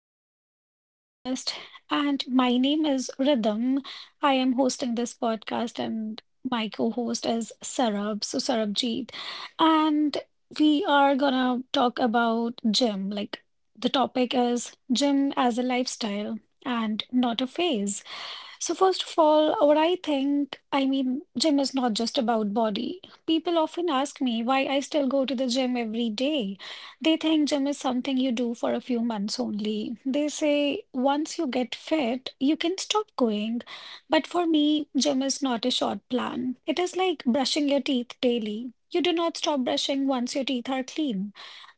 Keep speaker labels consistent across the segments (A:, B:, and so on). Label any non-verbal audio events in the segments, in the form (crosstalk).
A: today's podcast. And my name is Rhythm. I am hosting this podcast, and my co host is Sarab, so Sarabjeet. And we are gonna talk about gym. Like, the topic is gym as a lifestyle and not a phase. So first of all, what I think, I mean, gym is not just about body. People often ask me why I still go to the gym every day. They think gym is something you do for a few months only. They say once you get fit, you can stop going. But for me, gym is not a short plan. It is like brushing your teeth daily. You do not stop brushing once your teeth are clean.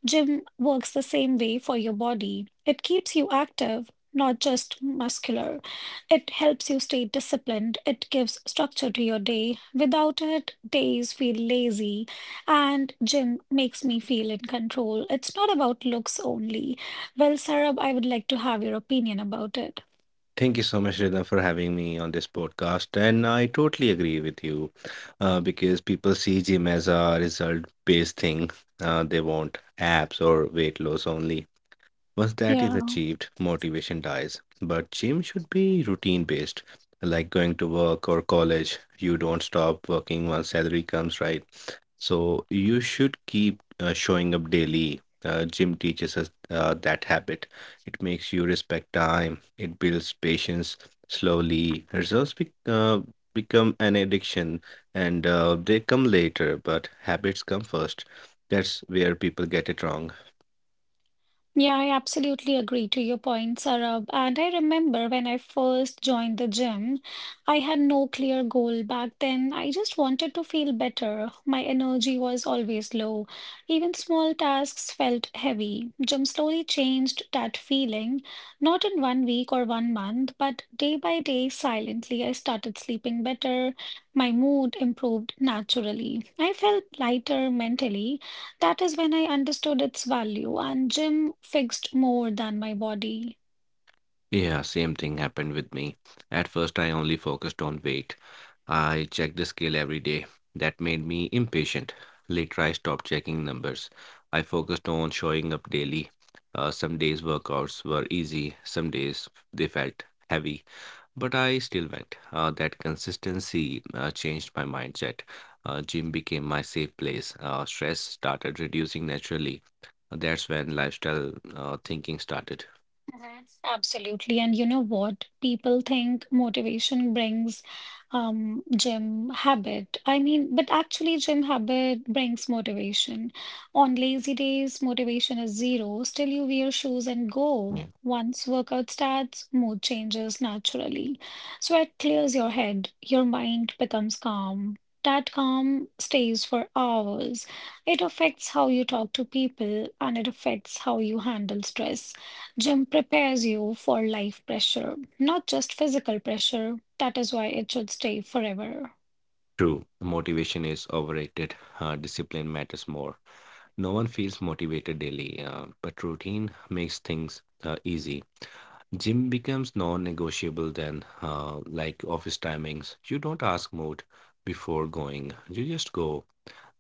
A: Gym works the same way for your body. It keeps you active, not just muscular. It helps you stay disciplined. It gives structure to your day. Without it, days feel lazy. And gym makes me feel in control. It's not about looks only. Well, Sarab, I would like to have your opinion about it.
B: Thank you so much, Rhythm, for having me on this podcast. And I totally agree with you because people see gym as a result based thing. They want apps or weight loss only. Once that
A: Yeah.
B: is achieved, motivation dies. But gym should be routine based, like going to work or college. You don't stop working once salary comes, right? So you should keep showing up daily. Gym teaches us that habit. It makes you respect time. It builds patience slowly. Become an addiction and they come later, but habits come first. That's where people get it wrong.
A: Yeah, I absolutely agree to your point, Sarab. And I remember when I first joined the gym, I had no clear goal back then. I just wanted to feel better. My energy was always low. Even small tasks felt heavy. Gym slowly changed that feeling, not in one week or one month, but day by day, silently, I started sleeping better. My mood improved naturally. I felt lighter mentally that is when I understood its value, and gym fixed more than my body.
B: Yeah, same thing happened with me. At first, I only focused on weight. I checked the scale every day. That made me impatient. Later, I stopped checking numbers. I focused on showing up daily. Some days workouts were easy, some days they felt heavy, but I still went. That consistency changed my mindset. Gym became my safe place. Stress started reducing naturally. That's when lifestyle thinking started.
A: Mhm. Absolutely. And you know what? People think motivation brings gym habit. I mean, but actually, gym habit brings motivation. On lazy days, motivation is zero. Still, you wear shoes and go.
B: Yeah.
A: Once workout starts, mood changes naturally. Sweat clears your head, your mind becomes calm. That calm stays for hours. It affects how you talk to people and it affects how you handle stress. Gym prepares you for life pressure, not just physical pressure. That is why it should stay forever.
B: True, motivation is overrated. Discipline matters more. No one feels motivated daily, but routine makes things easy. Gym becomes non-negotiable then, like office timings. You don't ask mood before going. You just go.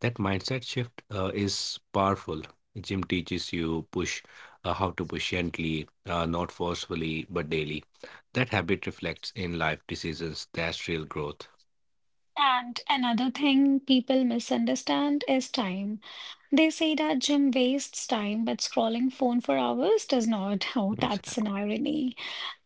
B: That mindset shift is powerful. Gym teaches you push how to push gently, not forcefully, but daily. That habit reflects in life decisions. That's real growth.
A: And another thing people misunderstand is time. They say that gym wastes time, but scrolling phone for hours does not. (laughs) Oh, that's an
B: Exactly.
A: irony.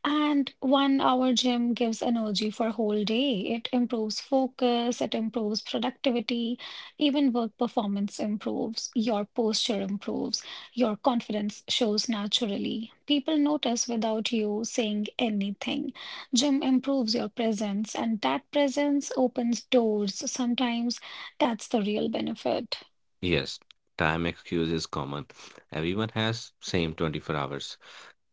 A: And one hour gym gives energy for whole day. It improves focus, it improves productivity, even work performance improves, your posture improves, your confidence shows naturally. People notice without you saying anything. Gym improves your presence, and that presence opens doors. Sometimes that's the real benefit.
B: Yes, time excuse is common. Everyone has same 24 hours.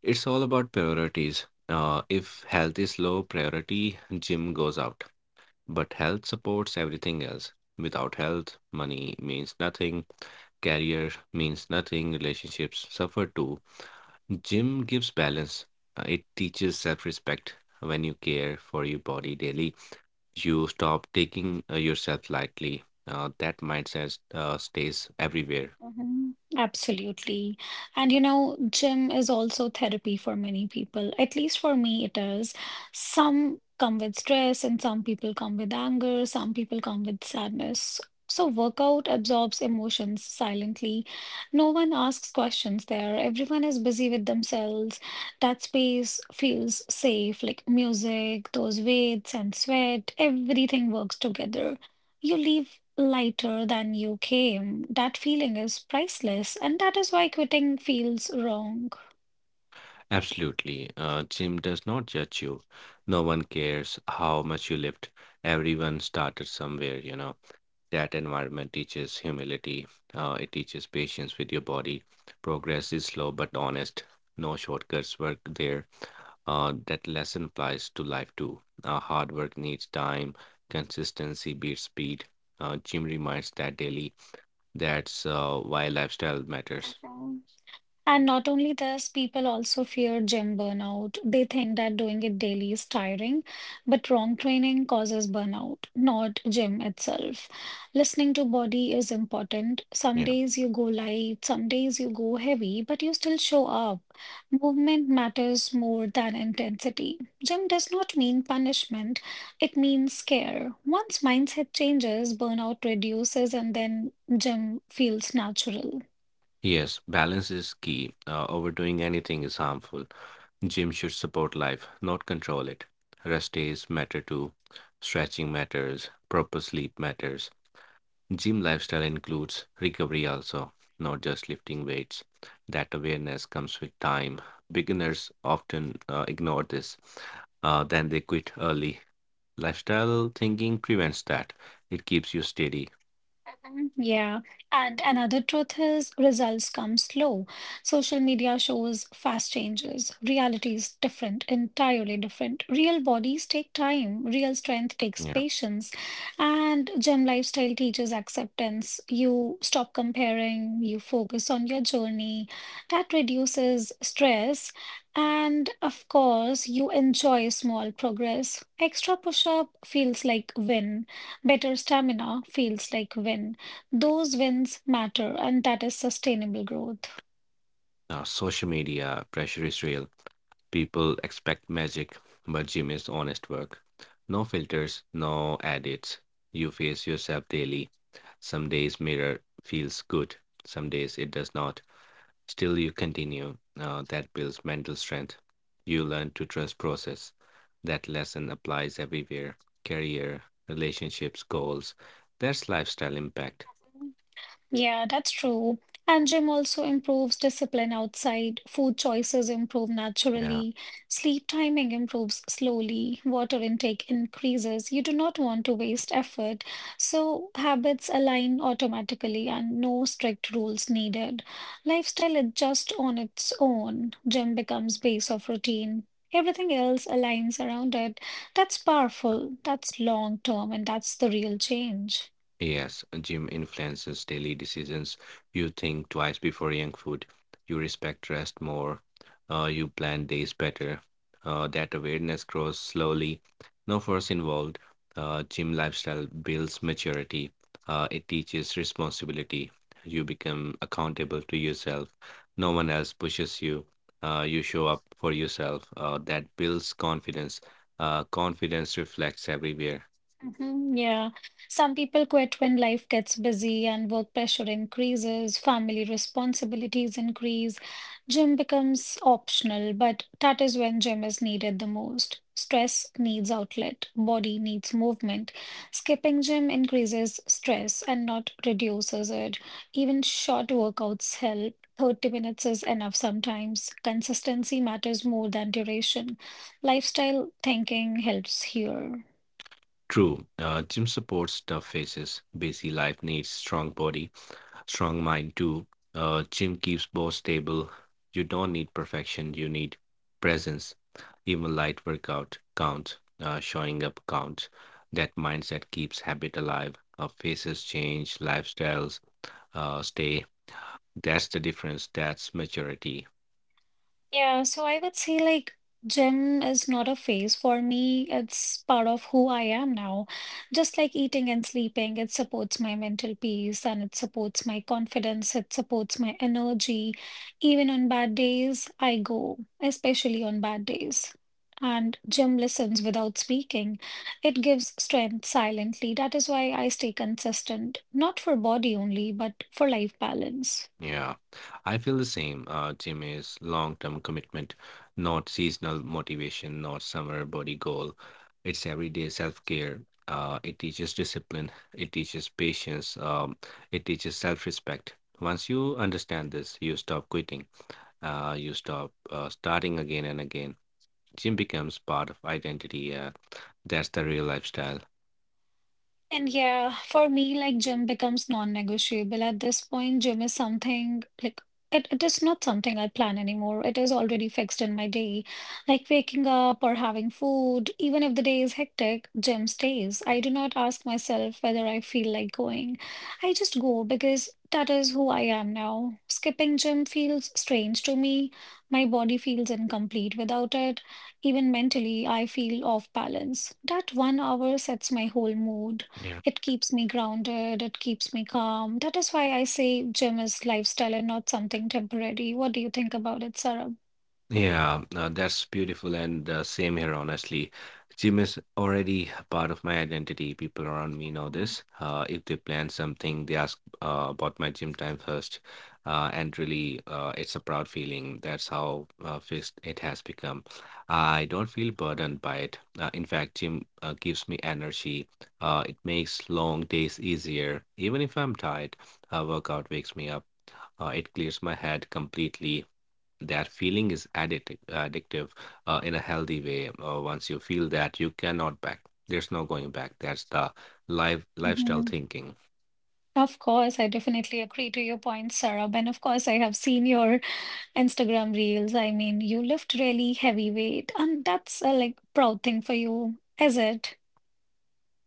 B: It's all about priorities. If health is low priority, gym goes out. But health supports everything else. Without health, money means nothing, career means nothing, relationships suffer too. Gym gives balance. It teaches self-respect. When you care for your body daily, you stop taking yourself lightly. That mindset stays everywhere.
A: Mhm. Absolutely. And you know, gym is also therapy for many people. At least for me, it is. Some come with stress, and some people come with anger, some people come with sadness. So, workout absorbs emotions silently. No one asks questions there. Everyone is busy with themselves. That space feels safe, like music, those weights and sweat, everything works together. You leave lighter than you came. That feeling is priceless, and that is why quitting feels wrong.
B: Absolutely. Gym does not judge you. No one cares how much you lift. Everyone started somewhere, you know. That environment teaches humility. It teaches patience with your body. Progress is slow but honest. No shortcuts work there. That lesson applies to life too. Hard work needs time. Consistency beats speed. Gym reminds that daily. That's why lifestyle matters.
A: And not only this, people also fear gym burnout. They think that doing it daily is tiring, but wrong training causes burnout, not gym itself. Listening to body is important. Some
B: Yeah.
A: days you go light, some days you go heavy, but you still show up. Movement matters more than intensity. Gym does not mean punishment, it means care. Once mindset changes, burnout reduces, and then gym feels natural.
B: Yes, balance is key. Overdoing anything is harmful. Gym should support life, not control it. Rest days matter too. Stretching matters. Proper sleep matters. Gym lifestyle includes recovery also, not just lifting weights. That awareness comes with time. Beginners often ignore this. Then they quit early. Lifestyle thinking prevents that. It keeps you steady.
A: Mm, yeah, and another truth is results come slow. Social media shows fast changes. Reality is different, entirely different. Real bodies take time, real strength takes
B: Yeah.
A: patience, and gym lifestyle teaches acceptance. You stop comparing, you focus on your journey. That reduces stress, and of course, you enjoy small progress. Extra push-up feels like win. Better stamina feels like win. Those wins matter, and that is sustainable growth.
B: Now, social media pressure is real. People expect magic, but gym is honest work. No filters, no edits. You face yourself daily. Some days mirror feels good, some days it does not. Still, you continue. Now that builds mental strength. You learn to trust process. That lesson applies everywhere: career, relationships, goals. That's lifestyle impact.
A: Yeah, that's true. And gym also improves discipline outside. Food choices improve
B: Yeah.
A: naturally. Sleep timing improves slowly. Water intake increases. You do not want to waste effort. So habits align automatically and no strict rules needed. Lifestyle adjusts on its own. Gym becomes base of routine. Everything else aligns around it. That's powerful. That's long term, and that's the real change.
B: Yes, gym influences daily decisions. You think twice before young food. You respect rest more. You plan days better. That awareness grows slowly. No force involved. Gym lifestyle builds maturity. It teaches responsibility. You become accountable to yourself. No one else pushes you. You show up for yourself. That builds confidence. Confidence reflects everywhere.
A: Mhm, yeah. Some people quit when life gets busy and work pressure increases, family responsibilities increase. Gym becomes optional, but that is when gym is needed the most. Stress needs outlet, body needs movement. Skipping gym increases stress and not reduces it. Even short workouts help. 30 minutes is enough sometimes. Consistency matters more than duration. Lifestyle thinking helps here.
B: True, gym supports tough phases. Busy life needs strong body, strong mind too. Gym keeps both stable. You don't need perfection, you need presence. Even light workout counts, showing up counts. That mindset keeps habit alive. Faces change, lifestyles stay. That's the difference. That's maturity.
A: Yeah, so I would say like gym is not a phase for me. It's part of who I am now. Just like eating and sleeping, it supports my mental peace and it supports my confidence, it supports my energy. Even on bad days, I go, especially on bad days. And gym listens without speaking. It gives strength silently. That is why I stay consistent, not for body only, but for life balance.
B: Yeah, I feel the same. Gym is long-term commitment, not seasonal motivation, not summer body goal. It's everyday self-care. It teaches discipline. It teaches patience. It teaches self-respect. Once you understand this, you stop quitting. You stop starting again and again. Gym becomes part of identity. That's the real lifestyle.
A: And yeah, for me, like gym becomes non-negotiable. At this point, gym is something like it is not something I plan anymore. It is already fixed in my day. Like waking up or having food, even if the day is hectic, gym stays. I do not ask myself whether I feel like going. I just go because that is who I am now. Skipping gym feels strange to me. My body feels incomplete without it. Even mentally, I feel off balance. That one hour sets my whole mood. It keeps me grounded, it keeps me calm. That is why I say gym is lifestyle and not something temporary. What do you think about it, Sarah?
B: Yeah, that's beautiful, and same here, honestly. Gym is already a part of my identity. People around me know this. If they plan something, they ask about my gym time first. And really, it's a proud feeling. That's how fixed it has become. I don't feel burdened by it. In fact, gym gives me energy. It makes long days easier. Even if I'm tired, a workout wakes me up. It clears my head completely. That feeling is addictive, in a healthy way. Once you feel that, you cannot back. There's no going back. That's the lifestyle
A: Mhm.
B: thinking.
A: Of course, I definitely agree to your point, Sarah. And of course, I have seen your Instagram reels. I mean, you lift really heavy weight, and that's a like proud thing for you, is it?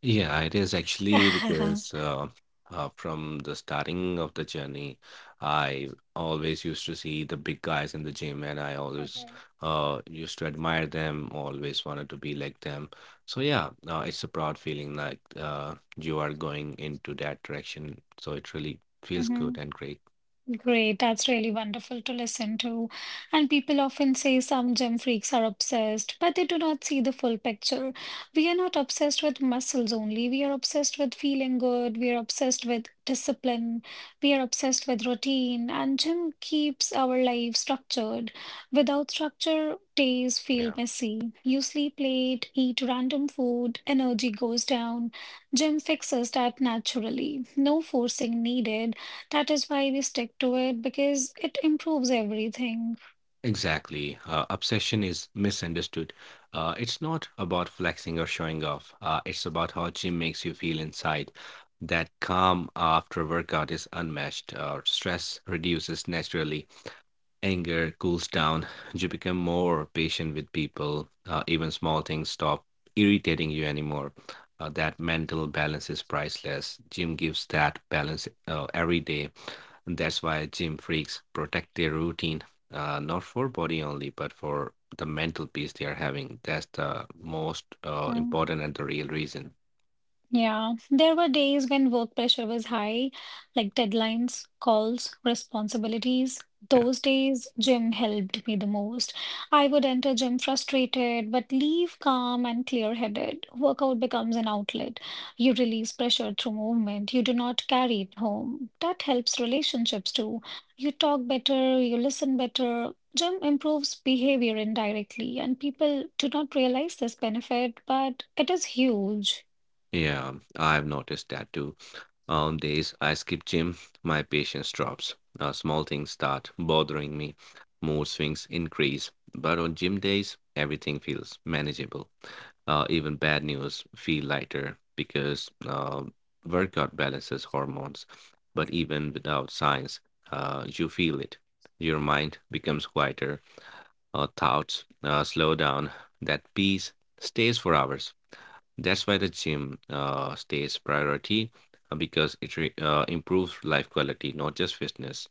B: Yeah, it is actually
A: (laughs) Mhm.
B: because from the starting of the journey, I always used to see the big guys in the gym, and I always used to admire them. Always wanted to be like them. So yeah, it's a proud feeling like you are going into that direction. So it really feels good
A: Mhm.
B: and great.
A: Great, that's really wonderful to listen to. And people often say some gym freaks are obsessed, but they do not see the full picture. We are not obsessed with muscles only. We are obsessed with feeling good. We are obsessed with discipline. We are obsessed with routine. And gym keeps our life structured. Without structure, days feel
B: Yeah,
A: messy. You sleep late, eat random food, energy goes down. Gym fixes that naturally. No forcing needed. That is why we stick to it because it improves everything.
B: exactly. Obsession is misunderstood. It's not about flexing or showing off. It's about how gym makes you feel inside. That calm after workout is unmatched. Stress reduces naturally. Anger cools down, you become more patient with people. Even small things stop irritating you anymore. That mental balance is priceless. Gym gives that balance every day. And that's why gym freaks protect their routine, not for body only, but for the mental peace they are having. That's the most uh,
A: Mhm.
B: important and the real reason.
A: Yeah, there were days when work pressure was high, like deadlines, calls, responsibilities. Those days, gym helped me the most. I would enter gym frustrated, but leave calm and clear-headed. Workout becomes an outlet. You release pressure through movement. You do not carry it home. That helps relationships too. You talk better, you listen better. Gym improves behavior indirectly, and people do not realize this benefit, but it is huge.
B: Yeah, I've noticed that too. On days I skip gym, my patience drops. Small things start bothering me. Mood swings increase. But on gym days, everything feels manageable. Even bad news feel lighter because workout balances hormones. But even without science, you feel it. Your mind becomes quieter. Thoughts slow down. That peace stays for hours. That's why the gym stays priority because it re improves life quality, not just fitness.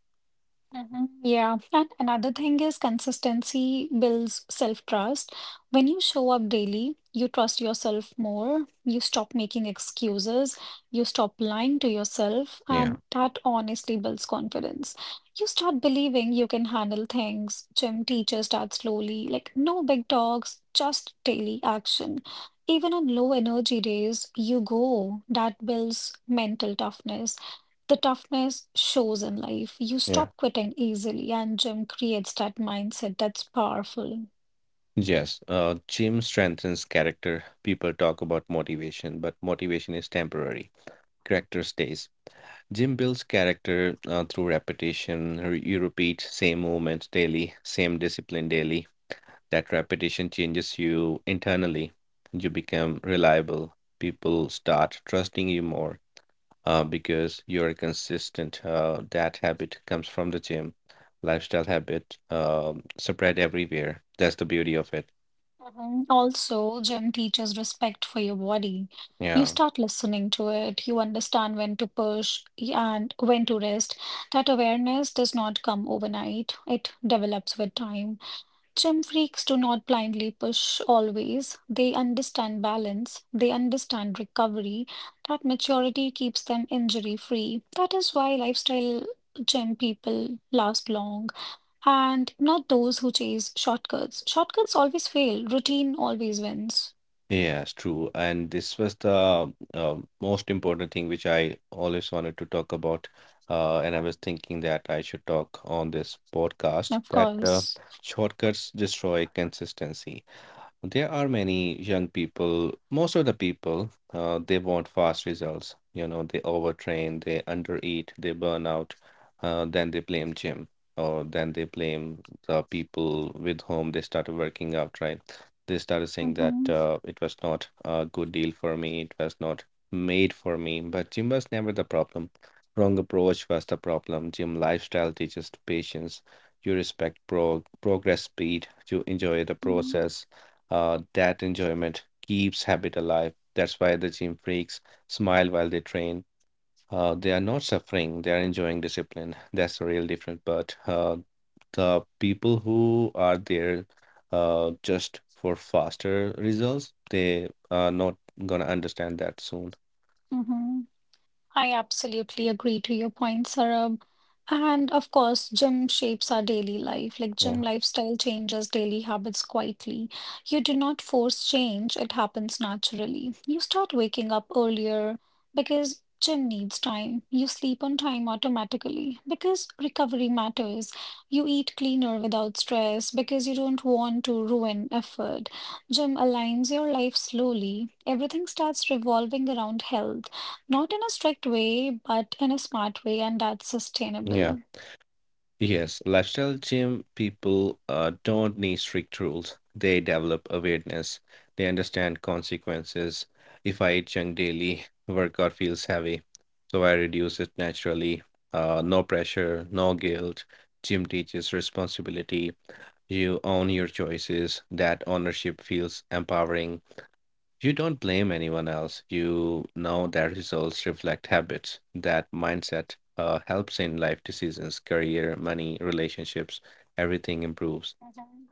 A: Mhm. Yeah, and another thing is consistency builds self-trust. When you show up daily, you trust yourself more, you stop making excuses, you stop lying to yourself,
B: Yeah,
A: and that honestly builds confidence. You start believing you can handle things. Gym teachers start slowly, like no big talks, just daily action. Even on low energy days, you go. That builds mental toughness. The toughness shows in life. You
B: yeah.
A: stop quitting easily, and gym creates that mindset that's powerful.
B: Yes, gym strengthens character. People talk about motivation, but motivation is temporary. Character stays. Gym builds character through repetition. You repeat same movements daily, same discipline daily. That repetition changes you internally. You become reliable. People start trusting you more because you're consistent. That habit comes from the gym, lifestyle habit, spread everywhere. That's the beauty of it.
A: Mhm. Also, gym teaches respect for your body. You
B: Yeah.
A: start listening to it, you understand when to push and when to rest. That awareness does not come overnight, it develops with time. Gym freaks do not blindly push always. They understand balance, they understand recovery. That maturity keeps them injury free. That is why lifestyle gym people last long and not those who chase shortcuts. Shortcuts always fail, routine always wins.
B: Yes, true. And this was the most important thing which I always wanted to talk about. And I was thinking that I should talk on this podcast
A: Of
B: that
A: course.
B: shortcuts destroy consistency. There are many young people, most of the people, they want fast results, you know, they overtrain, they undereat, they burn out. Then they blame gym, or then they blame the people with whom they started working out, right? They started saying that
A: Mm-hmm.
B: it was not a good deal for me, it was not made for me, but gym was never the problem. Wrong approach was the problem. Gym lifestyle teaches patience. You respect progress speed, you enjoy the
A: Mm-hmm.
B: process. That enjoyment keeps habit alive. That's why the gym freaks smile while they train. They are not suffering, they are enjoying discipline. (laughs) That's the real difference. But the people who are there just for faster results, they are not gonna understand that soon.
A: Mm-hmm. I absolutely agree to your point, Sarab. And of course, gym shapes our daily life. Like gym
B: Yeah.
A: lifestyle changes daily habits quietly. You do not force change, it happens naturally. You start waking up earlier because gym needs time. You sleep on time automatically because recovery matters. You eat cleaner without stress because you don't want to ruin effort. Gym aligns your life slowly. Everything starts revolving around health. Not in a strict way, but in a smart way, and that's
B: Yeah.
A: sustainable.
B: Yes, lifestyle gym people don't need strict rules. They develop awareness. They understand consequences. If I eat junk daily, workout feels heavy. So I reduce it naturally. No pressure, no guilt. Gym teaches responsibility. You own your choices. That ownership feels empowering. You don't blame anyone else. You know that results reflect habits. That mindset helps in life decisions, career, money, relationships, everything improves.
A: Mhm.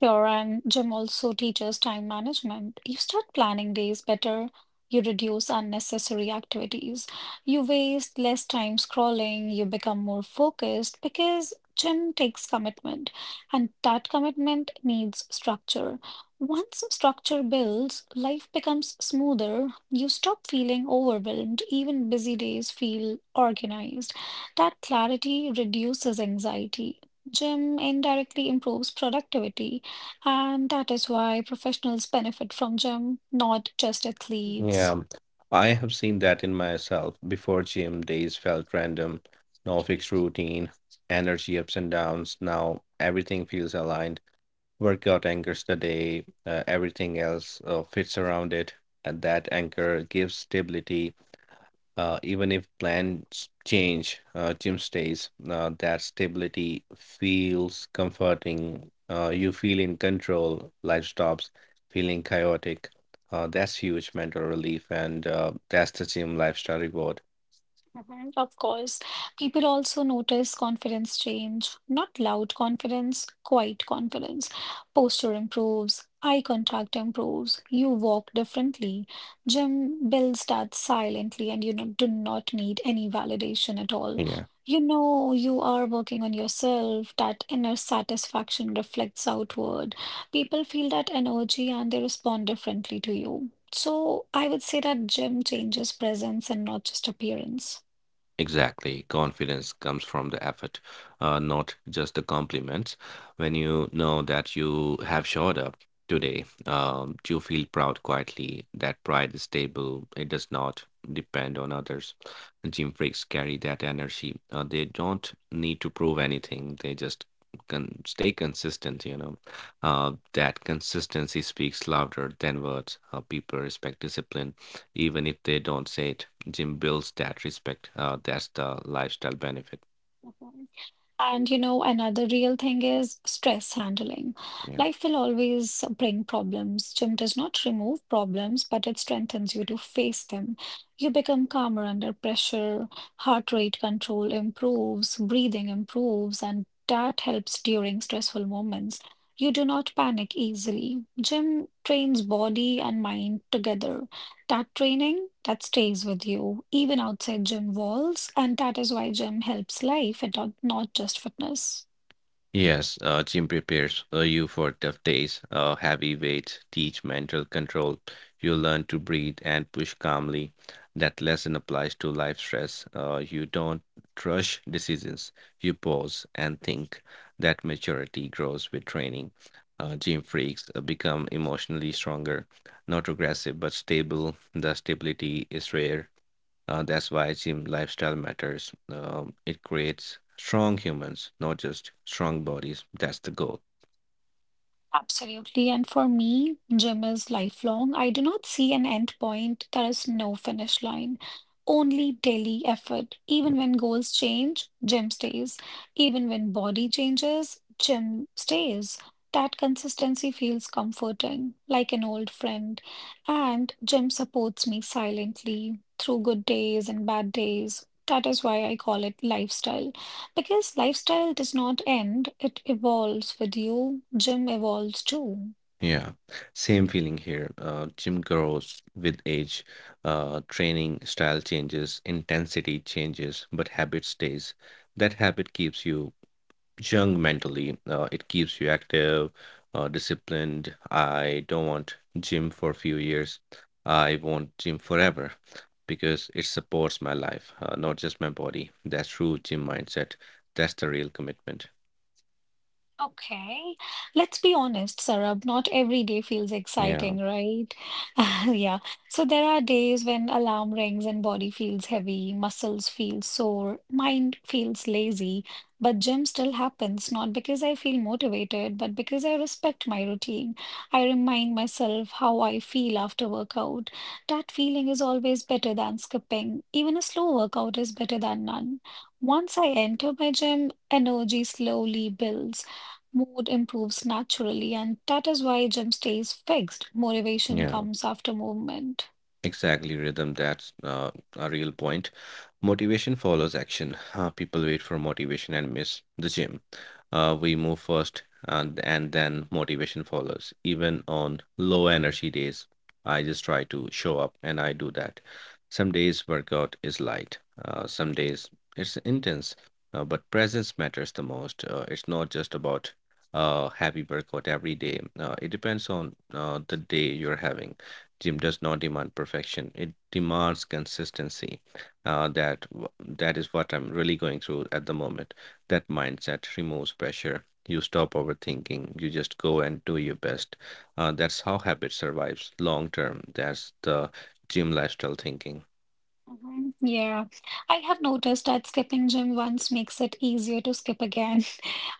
A: Sure, and gym also teaches time management. You start planning days better, you reduce unnecessary activities, you waste less time scrolling, you become more focused because gym takes commitment, and that commitment needs structure. Once structure builds, life becomes smoother. You stop feeling overwhelmed, even busy days feel organized. That clarity reduces anxiety. Gym indirectly improves productivity and that is why professionals benefit from gym, not just athletes.
B: Yeah, I have seen that in myself. Before gym, days felt random, no fixed routine, energy ups and downs. Now everything feels aligned. Workout anchors the day, everything else fits around it. And that anchor gives stability. Even if plans change, Jim stays. That stability feels comforting. You feel in control. Life stops feeling chaotic. That's huge mental relief, and that's the gym lifestyle reward.
A: Mhm, of course, people also notice confidence change, not loud confidence, quiet confidence. Posture improves, eye contact improves, you walk differently. Gym builds that silently, and you do not need any validation at all.
B: Yeah.
A: You know, you are working on yourself, that inner satisfaction reflects outward. People feel that energy and they respond differently to you. So, I would say that gym changes presence and not just appearance.
B: Exactly. Confidence comes from the effort, not just the compliments. When you know that you have showed up today, you feel proud quietly. That pride is stable, it does not depend on others. Gym freaks carry that energy. They don't need to prove anything, they just can stay consistent, you know. That consistency speaks louder than words. People respect discipline even if they don't say it. Gym builds that respect. That's the lifestyle benefit.
A: Mhm. And you know, another real thing is stress handling.
B: Yeah.
A: Life will always bring problems. Gym does not remove problems, but it strengthens you to face them. You become calmer under pressure, heart rate control improves, breathing improves, and that helps during stressful moments. You do not panic easily. Gym trains body and mind together. That training that stays with you even outside gym walls, and that is why gym helps life and not just fitness.
B: Yes, gym prepares you for tough days, heavy weights, teach mental control. You learn to breathe and push calmly. That lesson applies to life stress. You don't rush decisions, you pause and think. That maturity grows with training. Gym freaks become emotionally stronger, not aggressive but stable. The stability is rare. That's why gym lifestyle matters. It creates strong humans, not just strong bodies. That's the goal.
A: Absolutely. And for me, gym is lifelong. I do not see an end point. There is no finish line, only daily effort. Even when goals change, gym stays. Even when body changes, gym stays. That consistency feels comforting, like an old friend. And gym supports me silently through good days and bad days. That is why I call it lifestyle. Because lifestyle does not end, it evolves with you. Gym evolves too.
B: Yeah, same feeling here. Gym grows with age. Training style changes, intensity changes, but habit stays. That habit keeps you young mentally. It keeps you active, disciplined. I don't want gym for a few years. I want gym forever because it supports my life, not just my body. That's true gym mindset. That's the real commitment.
A: Okay, let's be honest, Sarab, not every day feels
B: Yeah.
A: exciting, right? (laughs) Yeah. So there are days when alarm rings and body feels heavy, muscles feel sore, mind feels lazy, but gym still happens, not because I feel motivated, but because I respect my routine. I remind myself how I feel after workout. That feeling is always better than skipping. Even a slow workout is better than none. Once I enter my gym, energy slowly builds. Mood improves naturally, and that is why gym stays fixed. Motivation
B: Yeah.
A: comes after movement.
B: Exactly, rhythm. That's a real point. Motivation follows action. People wait for motivation and miss the gym. We move first, and then motivation follows. Even on low energy days, I just try to show up, and I do that. Some days workout is light. Some days it's intense. But presence matters the most. It's not just about happy workout every day. It depends on the day you're having. Gym does not demand perfection. It demands consistency. That is what I'm really going through at the moment. That mindset removes pressure. You stop overthinking. You just go and do your best. That's how habit survives long term. That's the gym lifestyle thinking.
A: Mhm. Yeah, I have noticed that skipping gym once makes it easier to skip again.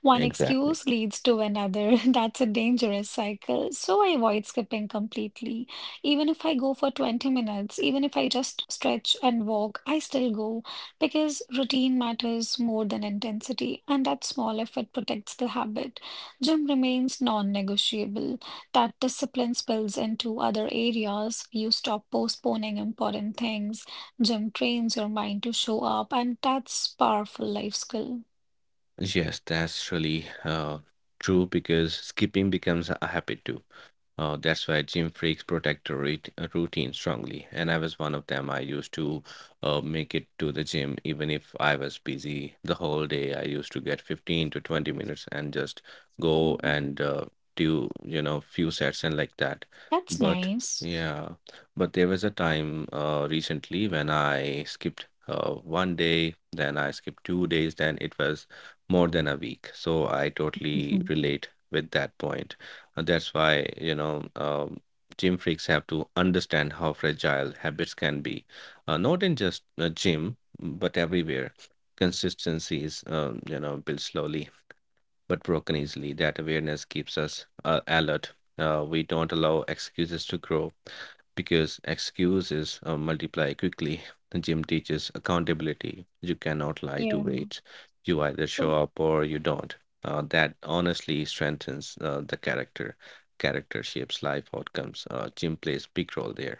A: One
B: Exactly.
A: excuse leads to another. (laughs) That's a dangerous cycle. So I avoid skipping completely. Even if I go for 20 minutes, even if I just stretch and walk, I still go because routine matters more than intensity, and that small effort protects the habit. Gym remains non-negotiable. That discipline spills into other areas. You stop postponing important things. Gym trains your mind to show up, and that's powerful life skill.
B: Yes, that's really true because skipping becomes a habit too. That's why gym freaks protect the routine strongly. And I was one of them. I used to make it to the gym even if I was busy the whole day. I used to get 15 to 20 minutes and just go
A: Mhm.
B: and do, you know, few sets and like that.
A: That's
B: But
A: nice.
B: yeah, but there was a time recently when I skipped 1 day, then I skipped 2 days, then it was more than a week. So I totally
A: Mhm.
B: relate with that point. And that's why, you know, gym freaks have to understand how fragile habits can be, not in just a gym, but everywhere. Consistency is, you know, built slowly but broken easily. That awareness keeps us alert. We don't allow excuses to grow because excuses multiply quickly. The gym teaches accountability. You cannot lie to
A: Yeah.
B: weight. You either show
A: So-
B: up or you don't. That honestly strengthens the character. Character shapes life outcomes. Gym plays big role there.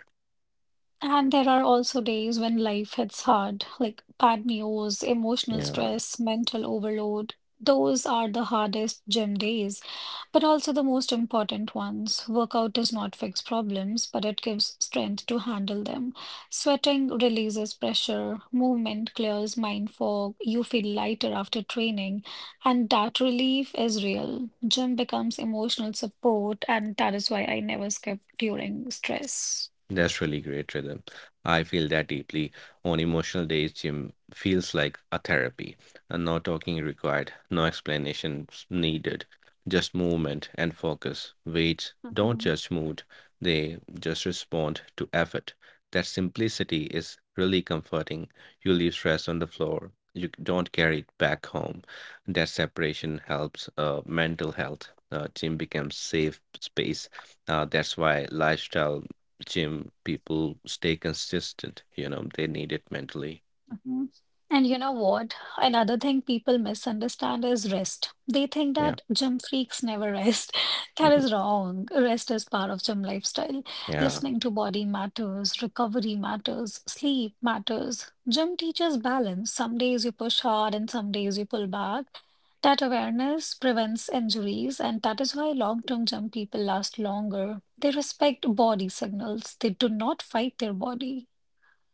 A: And there are also days when life hits hard, like bad news, emotional
B: Yeah.
A: stress, mental overload. Those are the hardest gym days. But also the most important ones. Workout does not fix problems, but it gives strength to handle them. Sweating releases pressure, movement clears mind fog, you feel lighter after training, and that relief is real. Gym becomes emotional support, and that is why I never skip during stress.
B: That's really great rhythm. I feel that deeply. On emotional days, gym feels like a therapy, and no talking required, no explanations needed, just movement and focus. Weights don't
A: Mhm.
B: judge mood, they just respond to effort. That simplicity is really comforting. You leave stress on the floor, you don't carry it back home. That separation helps mental health. Gym becomes safe space. That's why lifestyle gym people stay consistent, you know, they need it mentally.
A: Mm. And you know what? Another thing people misunderstand is rest. They think
B: Yeah.
A: that gym freaks never rest. (laughs) That
B: Hmm.
A: is wrong. Rest is part of gym lifestyle.
B: Yeah.
A: Listening to body matters, recovery matters, sleep matters. Gym teaches balance. Some days you push hard and some days you pull back. That awareness prevents injuries, and that is why long-term gym people last longer. They respect body signals. They do not fight their body.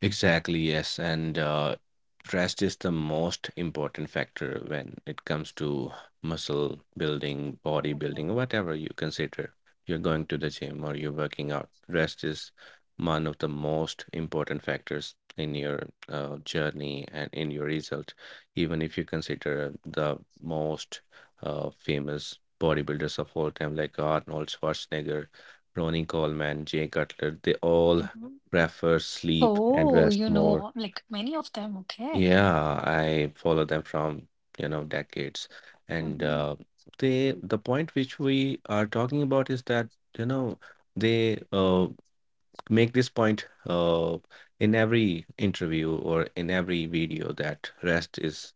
B: Exactly, yes. And rest is the most important factor when it comes to muscle building, body
A: Mhm.
B: building, whatever you consider. You're going to the gym or you're working out. Rest is one of the most important factors in your journey and in your result. Even if you consider the most famous bodybuilders of all time, like Arnold Schwarzenegger, Ronnie Coleman, Jay Cutler, they all
A: Mhm.
B: prefer sleep and
A: Oh,
B: rest
A: you
B: more.
A: know, like many of them, okay.
B: Yeah, I follow them from, you know, decades. And
A: Mhm.
B: the point which we are talking about is that, you know, they make this point in every interview or in every video that rest is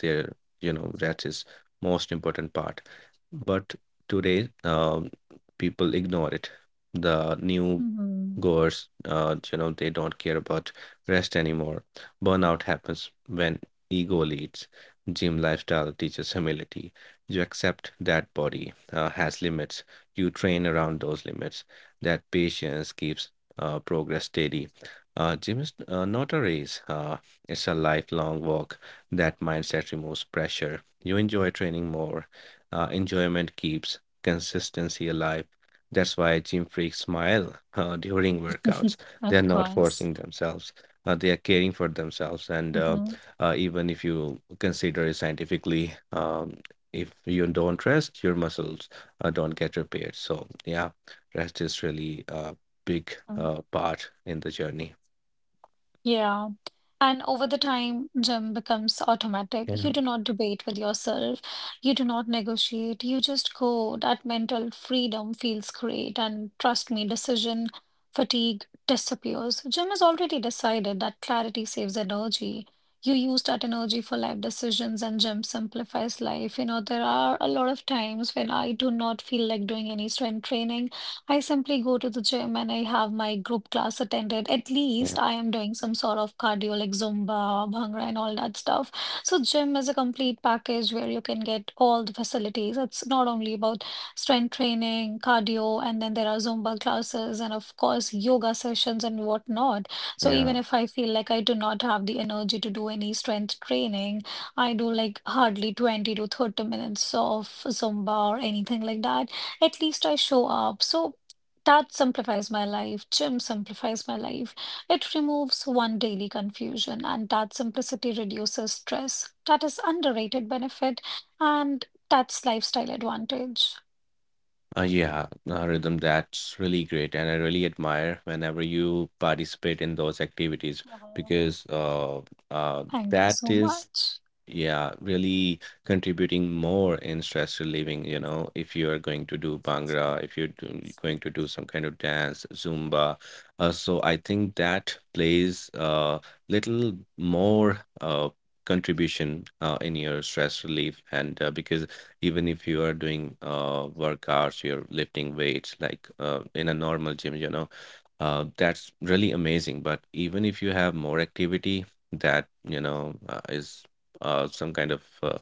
B: their, you know, rest is most important part. But today, people ignore it. The new
A: Mhm.
B: goers, you know, they don't care about rest anymore. Burnout happens when ego leads. Gym lifestyle teaches humility. You accept that body has limits. You train around those limits. That patience keeps progress steady. Gym is not a race. It's a lifelong walk. That mindset removes pressure. You enjoy training more. Enjoyment keeps consistency alive. That's why gym freaks smile during workouts. They are
A: Of
B: not
A: course.
B: forcing themselves. They are caring for themselves. And uh,
A: Mhm.
B: uh, even if you consider it scientifically, if you don't rest, your muscles don't get repaired. So yeah, rest is really a big
A: Mm.
B: part in the journey.
A: Yeah. And over the time, gym becomes automatic.
B: Yeah,
A: You do not debate with yourself. You do not negotiate. You just go. That mental freedom feels great. And trust me, decision fatigue disappears. Gym has already decided that clarity saves energy. You use that energy for life decisions, and gym simplifies life. You know, there are a lot of times when I do not feel like doing any strength training. I simply go to the gym and I have my group class attended. At
B: yeah,
A: least I am doing some sort of cardio like Zumba, Bhangra, and all that stuff. So gym is a complete package where you can get all the facilities. It's not only about strength training, cardio, and then there are Zumba classes and of course yoga sessions and whatnot. So
B: yeah.
A: even if I feel like I do not have the energy to do any strength training, I do like hardly 20 to 30 minutes of Zumba or anything like that. At least I show up. So that simplifies my life. Gym simplifies my life. It removes one daily confusion, and that simplicity reduces stress. That is underrated benefit, and that's lifestyle advantage.
B: Yeah, Rhythm, that's really great. And I really admire whenever you participate in those activities
A: Mhm.
B: because
A: Yes,
B: uh,
A: thank you
B: that
A: so
B: is,
A: much.
B: yeah, really contributing more in stress relieving, you know, if you are going to do Bhangra, if you're going to do some kind of dance, Zumba. So I think that plays a little more contribution in your stress relief. And because even if you are doing workouts, you're lifting weights like in a normal gym, you know that's really amazing, but even if you have more activity that, you know, is some kind of uh,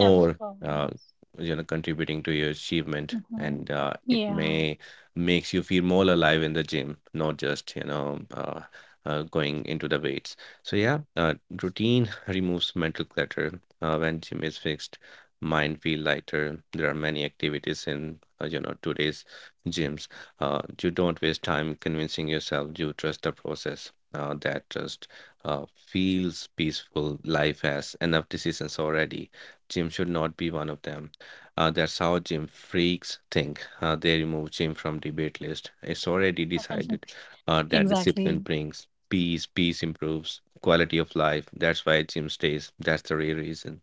A: Of
B: uh,
A: course.
B: you know contributing to your achievement,
A: Mhm.
B: and it
A: Yeah,
B: may makes you feel more alive in the gym, not just, you know, going into the weights. So yeah, routine (laughs) removes mental clutter when gym is fixed, mind feel lighter. There are many activities in, you know, today's gyms. You don't waste time convincing yourself. You trust the process. That trust feels peaceful. Life has enough decisions already. Gym should not be one of them. That's how gym freaks think. They remove gym from debate list. It's already decided. uh,
A: (laughs)
B: that discipline
A: exactly.
B: brings peace. Peace improves quality of life. That's why gym stays. That's the real reason.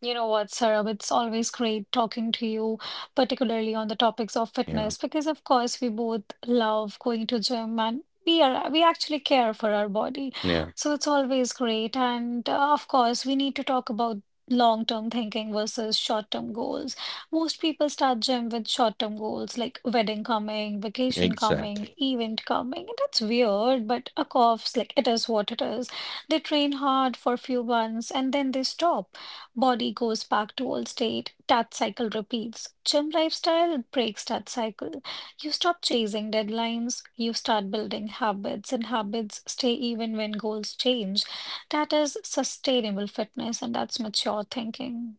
A: You know what, Saurabh, it's always great talking to you, particularly on the topics of
B: Yeah.
A: fitness, because of course we both love going to gym and we actually care for our body.
B: Yeah.
A: So it's always great. And of course, we need to talk about long-term thinking versus short-term goals. Most people start gym with short-term goals like wedding coming, vacation coming,
B: Exactly.
A: event coming. And that's weird, but of course, like it is what it is. They train hard for few months and then they stop. Body goes back to old state. That cycle repeats. Gym lifestyle breaks that cycle. You stop chasing deadlines. You start building habits, and habits stay even when goals change. That is sustainable fitness, and that's mature thinking.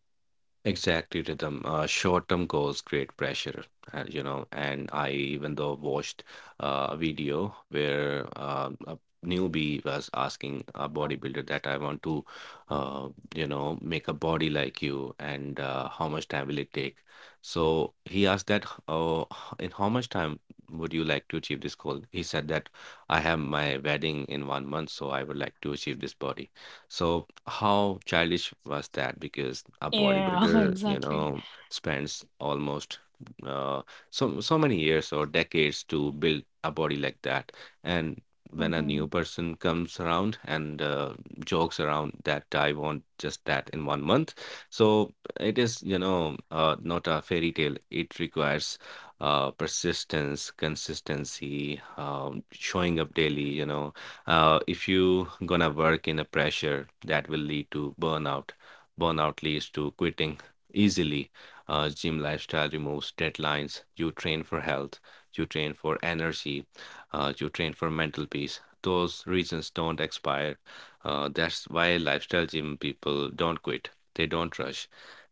B: Exactly, Rhythm. Short-term goals create pressure, you know. And I even though watched a video where a newbie was asking a
A: Mhm.
B: bodybuilder that I want to, uh, you know, make a body like you, and how much time will it take? So he asked that, in how much time would you like to achieve this goal? He said that I have my wedding in 1 month, so I would like to achieve this body. So how childish was that? Because a
A: Yeah,
B: bodybuilder,
A: (laughs)
B: you
A: exactly.
B: know, spends almost uh, so many years or decades to build a body like that. And when a new
A: Mhm.
B: person comes around and jokes around that I want just that in 1 month, so it is, you know, not a fairy tale. It requires persistence, consistency, showing up daily. You know, if you gonna work in a pressure, that will lead to burnout. Burnout leads to quitting easily. Gym lifestyle removes deadlines. You train for health, you train for energy, you train for mental peace. Those reasons don't expire. That's why lifestyle gym people don't quit, they don't rush,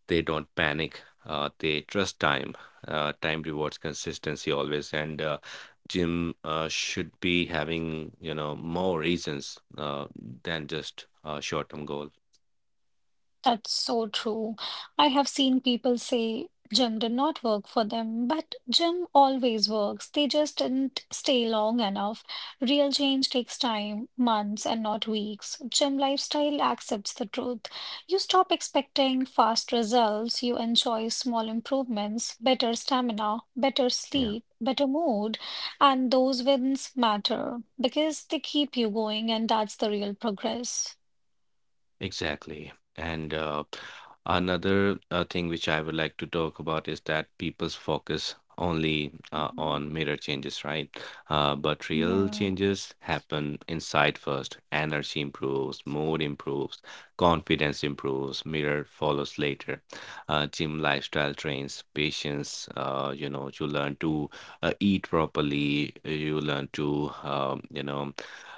B: they don't panic. They trust time. Time rewards consistency always. And gym should be having, you know, more reasons than just a short-term goal.
A: That's so true. I have seen people say gym did not work for them, but gym always works. They just didn't stay long enough. Real change takes time, months and not weeks. Gym lifestyle accepts the truth. You stop expecting fast results. You enjoy small improvements, better stamina, better
B: Yeah.
A: sleep, better mood, and those wins matter because they keep you going, and that's the real progress.
B: Exactly. And another thing which I would like to talk about is that people's focus only
A: Hmm.
B: on mirror changes, right? But real
A: Yeah.
B: changes happen inside first. Energy improves, mood improves, confidence improves, mirror follows later. Gym lifestyle trains patience. You know, you learn to eat properly. You learn to, you know,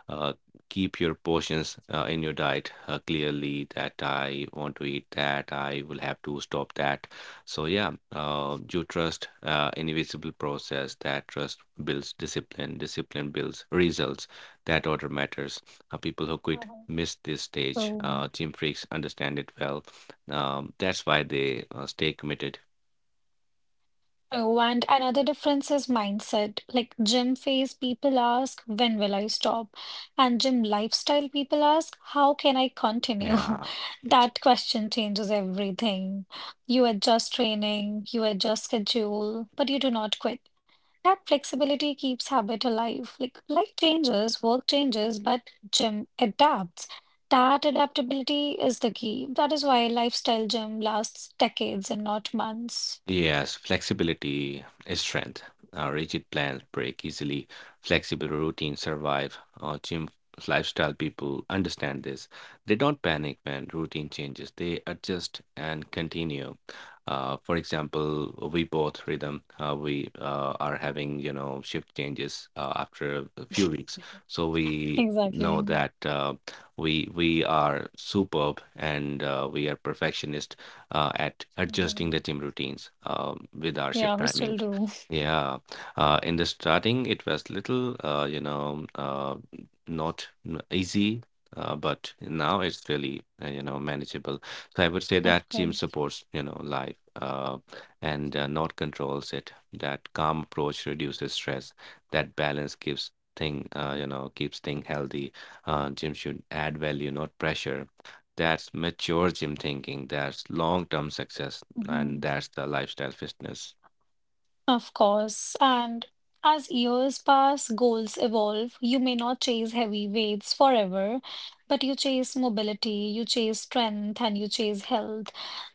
B: uh, keep your portions in your diet clearly, that I want to eat that, I will have to stop that. So, yeah, you trust invisible process. That trust builds discipline, discipline builds results. That order matters. People who quit
A: Mhm.
B: miss this stage.
A: Oh,
B: Gym freaks understand it well. That's why they stay committed.
A: oh, and another difference is mindset. Like gym phase, people ask, when will I stop? And gym lifestyle, people ask, how can I
B: Yeah.
A: continue? (laughs)
B: Yeah.
A: That question changes everything. You adjust training, you adjust schedule, but you do not quit. That flexibility keeps habit alive. Like life changes, work changes, but gym adapts. That adaptability is the key. That is why lifestyle gym lasts decades and not months.
B: Yes, flexibility is strength. Rigid plans break easily. Flexible routines survive. Gym lifestyle people understand this. They don't panic when routine changes. They adjust and continue. For example, we both rhythm. We are having, you know, shift changes after a few weeks, so we know
A: Exactly.
B: that we are superb and we are perfectionist at adjusting
A: Mhm.
B: the gym routines, with our
A: Yeah,
B: shift
A: we still
B: timings.
A: do,
B: Yeah, in the starting, it was little, you know, not easy, but now it's really, you know, manageable. So I would say
A: (laughs) of
B: that gym
A: course.
B: supports, you know, life and not controls it. That calm approach reduces stress. That balance gives thing, you know, keeps thing healthy. Gym should add value, not pressure. That's mature gym thinking. That's long term success. And
A: Mhm.
B: that's the lifestyle fitness.
A: Of course. And as years pass, goals evolve. You may not chase heavy weights forever, but you chase mobility, you chase strength, and you chase health.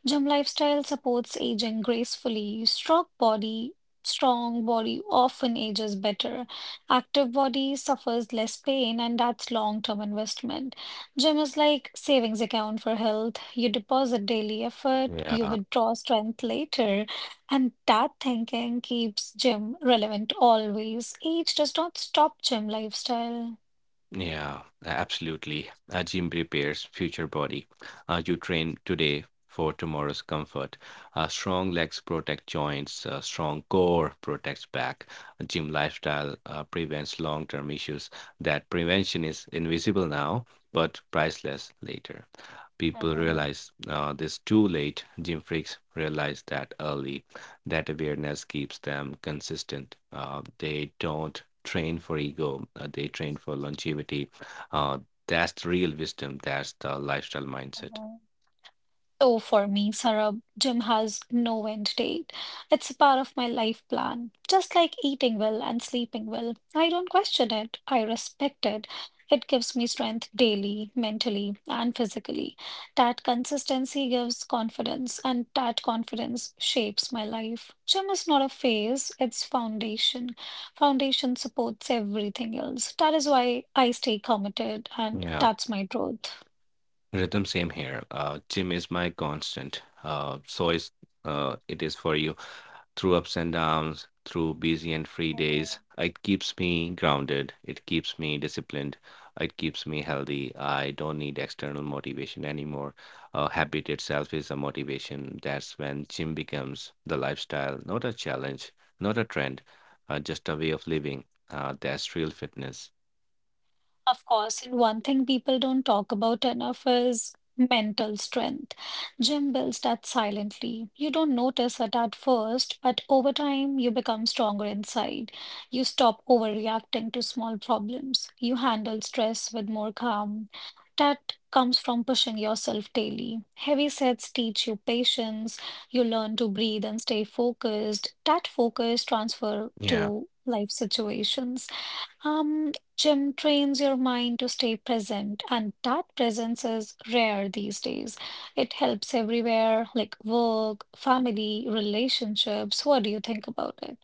A: Gym lifestyle supports aging gracefully. Strong body often ages better. Active body suffers less pain, and that's long-term investment. Gym is like savings account for health. You deposit daily effort, you
B: Yeah.
A: withdraw strength later. And that thinking keeps gym relevant always. Age does not stop gym lifestyle.
B: Yeah, absolutely. A gym prepares future body. You train today for tomorrow's comfort. Strong legs protect joints. Strong core protects back. A gym lifestyle prevents long-term issues. That prevention is invisible now, but priceless later. People
A: Mm-hmm.
B: realize this too late. Gym freaks realize that early. That awareness keeps them consistent. They don't train for ego, they train for longevity. Uh, that's the real wisdom, that's the lifestyle mindset.
A: So for me, Sarab, gym has no end date. It's a part of my life plan. Just like eating well and sleeping well, I don't question it. I respect it. It gives me strength daily, mentally, and physically. That consistency gives confidence, and that confidence shapes my life. Gym is not a phase, it's foundation. Foundation supports everything else. That is why I stay committed, and
B: Yeah,
A: that's my truth.
B: rhythm, same here. Gym is my constant, so is it is for you. Through ups and downs, through busy and free days. It keeps me grounded. It keeps me disciplined. It keeps me healthy. I don't need external motivation anymore. Habit itself is a motivation. That's when gym becomes the lifestyle, not a challenge, not a trend, just a way of living. That's real fitness.
A: Of course, and one thing people don't talk about enough is mental strength. Gym builds that silently. You don't notice it at first, but over time, you become stronger inside. You stop overreacting to small problems. You handle stress with more calm. That comes from pushing yourself daily. Heavy sets teach you patience. You learn to breathe and stay focused. That focus transfer
B: Yeah.
A: to life situations. Um, Gym trains your mind to stay present, and that presence is rare these days. It helps everywhere, like work, family, relationships. What do you think about it?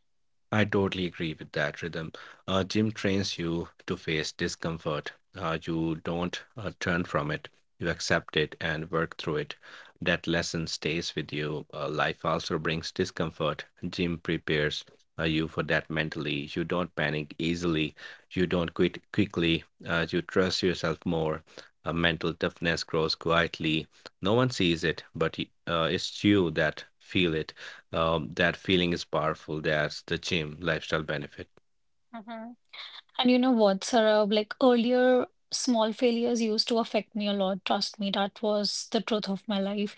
B: I totally agree with that rhythm. Gym trains you to face discomfort. You don't turn from it. You accept it and work through it. That lesson stays with you. Life also brings discomfort. Gym prepares you for that mentally. You don't panic easily. You don't quit quickly. You trust yourself more. Mental toughness grows quietly. No one sees it, but it's you that feel it. That feeling is powerful. That's the gym lifestyle benefit.
A: Mhm. And you know what, Sarah, like earlier, small failures used to affect me a lot. Trust me, that was the truth of my life.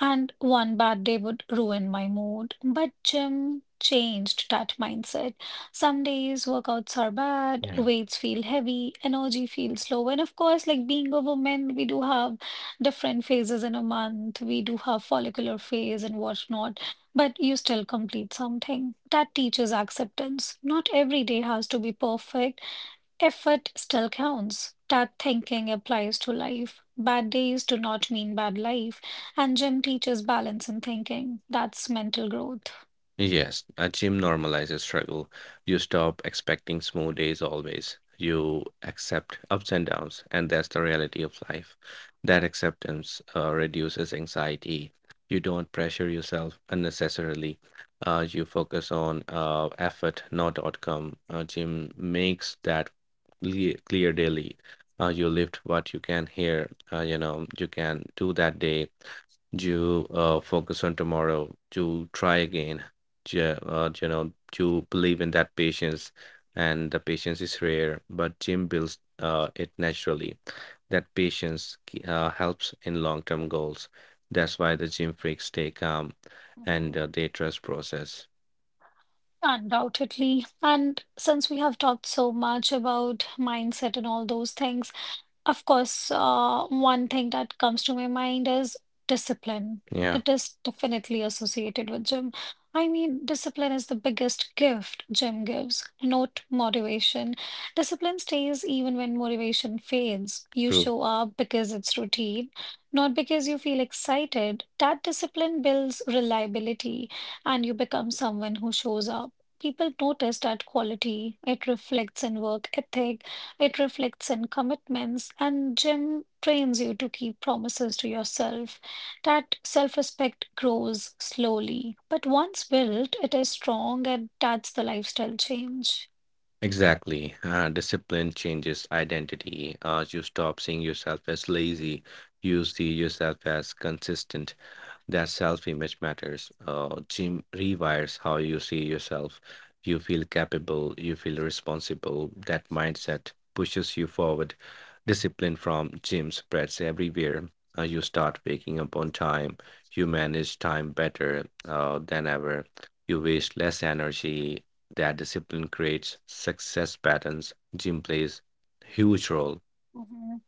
A: And one bad day would ruin my mood. But gym changed that mindset. Some days workouts are bad, weights feel heavy, energy feels low. And of course, like being a woman, we do have different phases in a month. We do have follicular phase and whatnot, but you still complete something. That teaches acceptance. Not every day has to be perfect. Effort still counts. That thinking applies to life. Bad days do not mean bad life. And Jim teaches balance in thinking. That's mental growth.
B: Yes, a gym normalizes struggle. You stop expecting smooth days always. You accept ups and downs, and that's the reality of life. That acceptance reduces anxiety. You don't pressure yourself unnecessarily. You focus on effort, not outcome. A gym makes that clear daily. You lift what you can hear. You know you can do that day to focus on tomorrow, to try again, to, to believe in that patience. And the patience is rare, but Jim builds it naturally. That patience helps in long-term goals. That's why the gym freaks stay calm and
A: Mhm.
B: they trust process.
A: Undoubtedly. And since we have talked so much about mindset and all those things, of course, one thing that comes to my mind is discipline.
B: Yeah,
A: It is definitely associated with gym. I mean, discipline is the biggest gift gym gives, not motivation. Discipline stays even when motivation fades. You
B: true.
A: show up because it's routine, not because you feel excited. That discipline builds reliability, and you become someone who shows up. People notice that quality. It reflects in work ethic, it reflects in commitments, and Jim trains you to keep promises to yourself. That self respect grows slowly, but once built, it is strong and that's the lifestyle change.
B: Exactly. Discipline changes identity. You stop seeing yourself as lazy. You see yourself as consistent. That self image matters. Gym rewires how you see yourself. You feel capable, you feel responsible. That mindset pushes you forward. Discipline from gym spreads everywhere. You start waking up on time. You manage time better than ever. You waste less energy. That discipline creates success patterns. Gym plays huge role.
A: Mhm.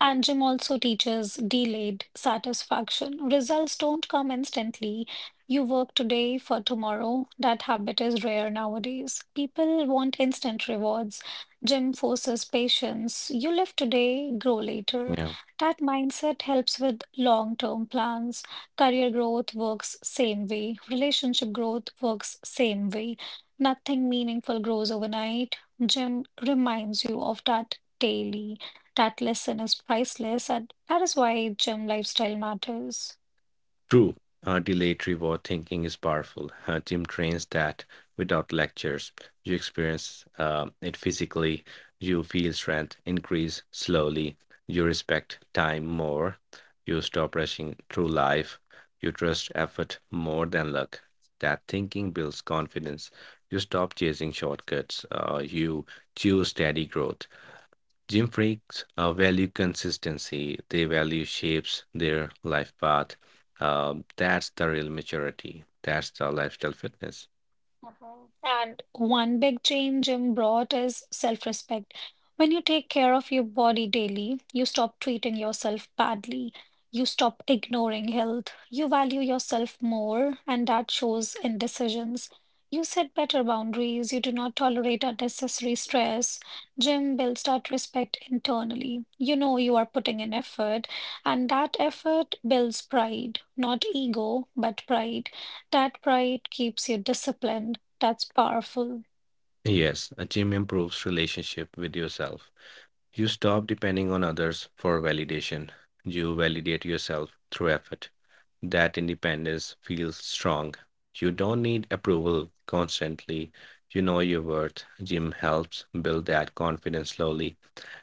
A: And Jim also teaches delayed satisfaction. Results don't come instantly. You work today for tomorrow. That habit is rare nowadays. People want instant rewards. Jim forces patience. You live today, grow later.
B: Yeah.
A: That mindset helps with long-term plans. Career growth works same way. Relationship growth works same way. Nothing meaningful grows overnight. Jim reminds you of that daily. That lesson is priceless, and that is why gym lifestyle matters.
B: True, delayed reward thinking is powerful. Tim trains that without lectures. You experience it physically, you feel strength increase slowly, you respect time more, you stop rushing through life, you trust effort more than luck. That thinking builds confidence. You stop chasing shortcuts, you choose steady growth. Gym freaks value consistency, they value shapes their life path. That's the real maturity. That's the lifestyle fitness.
A: Mhm. And one big change Jim brought is self-respect. When you take care of your body daily, you stop treating yourself badly. You stop ignoring health. You value yourself more, and that shows in decisions. You set better boundaries. You do not tolerate unnecessary stress. Jim builds that respect internally. You know you are putting in effort, and that effort builds pride, not ego, but pride. That pride keeps you disciplined. That's powerful.
B: Yes, a gym improves relationship with yourself. You stop depending on others for validation. You validate yourself through effort. That independence feels strong. You don't need approval constantly. You know your worth. Gym helps build that confidence slowly.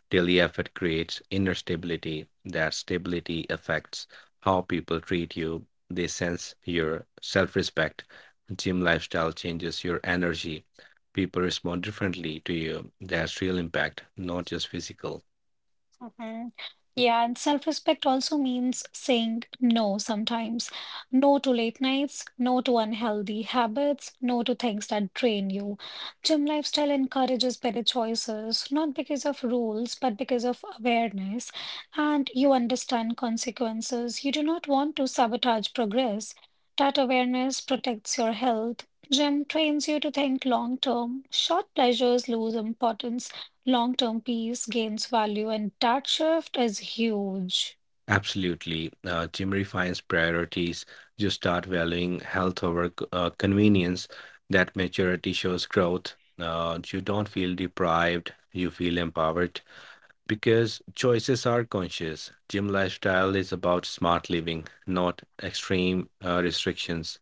B: Daily effort creates inner stability. That stability affects how people treat you. They sense your self respect. Gym lifestyle changes your energy. People respond differently to you. That's real impact, not just physical.
A: Mhm. Yeah, and self-respect also means saying no sometimes. No to late nights, no to unhealthy habits, no to things that drain you. Gym lifestyle encourages better choices, not because of rules, but because of awareness. And you understand consequences. You do not want to sabotage progress. That awareness protects your health. Gym trains you to think long term. Short pleasures lose importance, long-term peace gains value, and that shift is huge.
B: Absolutely. Gym refines priorities. You start valuing health over convenience. That maturity shows growth. You don't feel deprived, you feel empowered. Because choices are conscious. Gym lifestyle is about smart living, not extreme restrictions.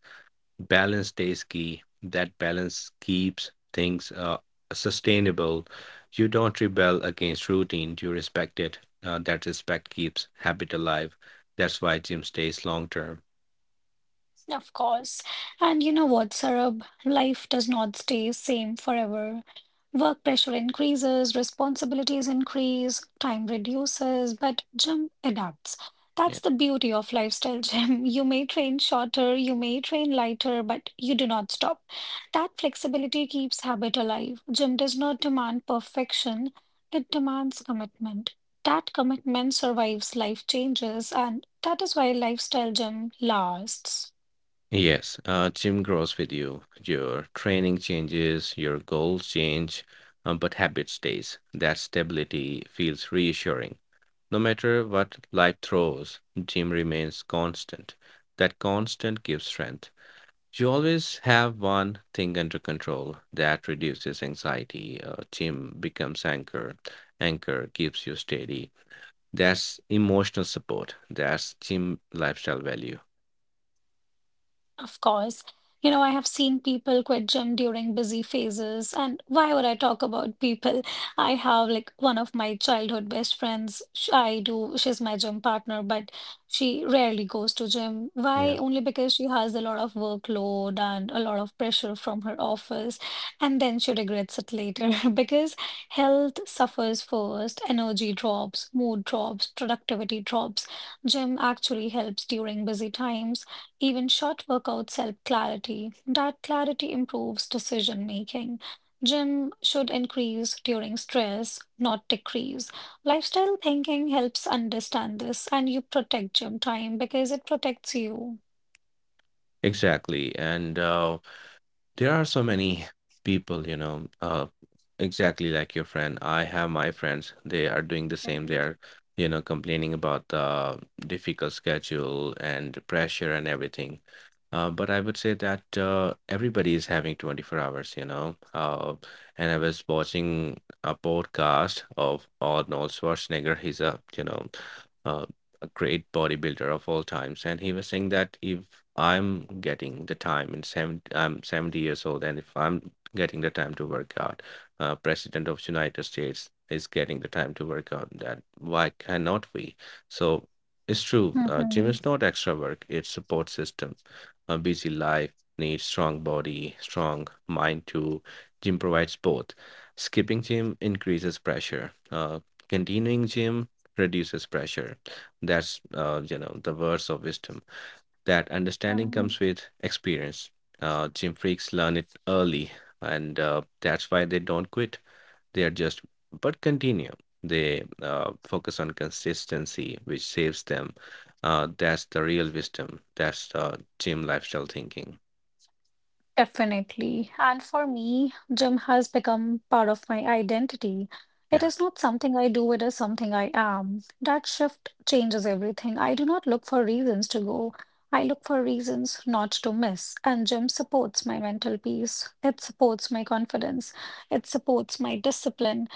B: Balance stays key. That balance keeps things sustainable. You don't rebel against routine, you respect it. That respect keeps habit alive. That's why gym stays long term.
A: Of course. And you know what, Sarab? Life does not stay same forever. Work pressure increases, responsibilities increase, time reduces, but Jim adapts.
B: Yeah.
A: That's the beauty of lifestyle, Jim. (laughs) You may train shorter, you may train lighter, but you do not stop. That flexibility keeps habit alive. Jim does not demand perfection, it demands commitment. That commitment survives life changes, and that is why lifestyle gym lasts.
B: Yes, gym grows with you. Your training changes, your goals change, but habit stays. That stability feels reassuring. No matter what life throws, Jim remains constant. That constant gives strength. You always have one thing under control. That reduces anxiety. Jim becomes anchor. Anchor keeps you steady. That's emotional support. That's Jim lifestyle value.
A: Of course. You know, I have seen people quit gym during busy phases, and why would I talk about people? I have like one of my childhood best friends. I do, she's my gym partner, but she rarely goes to gym.
B: Yeah.
A: Why? Only because she has a lot of workload and a lot of pressure from her office, and then she regrets it later (laughs) because health suffers first, energy drops, mood drops, productivity drops. Gym actually helps during busy times, even short workouts help clarity. That clarity improves decision making. Gym should increase during stress, not decrease. Lifestyle thinking helps understand this, and you protect gym time because it protects you.
B: Exactly. And there are so many people, exactly like your friend. I have my friends. They are doing the same. They
A: Mhm.
B: are complaining about the difficult schedule and the pressure and everything. But I would say that everybody is having 24 hours. And I was watching a podcast of Arnold Schwarzenegger. He's uh, a great bodybuilder of all times, and he was saying that if I'm getting the time in seven, I'm 70 years old, and if I'm getting the time to work out, President of United States is getting the time to work out. That why cannot we? So it's true. Gym
A: Mhm.
B: is not extra work; it's support system. A busy life needs strong body, strong mind too. Gym provides both. Skipping gym increases pressure. Continuing gym reduces pressure. That's the words of wisdom. That understanding
A: Um,
B: comes with experience. Gym freaks learn it early, and that's why they don't quit. They adjust but continue. They focus on consistency which saves them. Uh, that's the real wisdom, that's the gym lifestyle thinking.
A: Definitely. And for me, gym has become part of my identity. It
B: Yeah.
A: is not something I do, it is something I am. That shift changes everything. I do not look for reasons to go. I look for reasons not to miss. And gym supports my mental peace. It supports my confidence. It supports my discipline.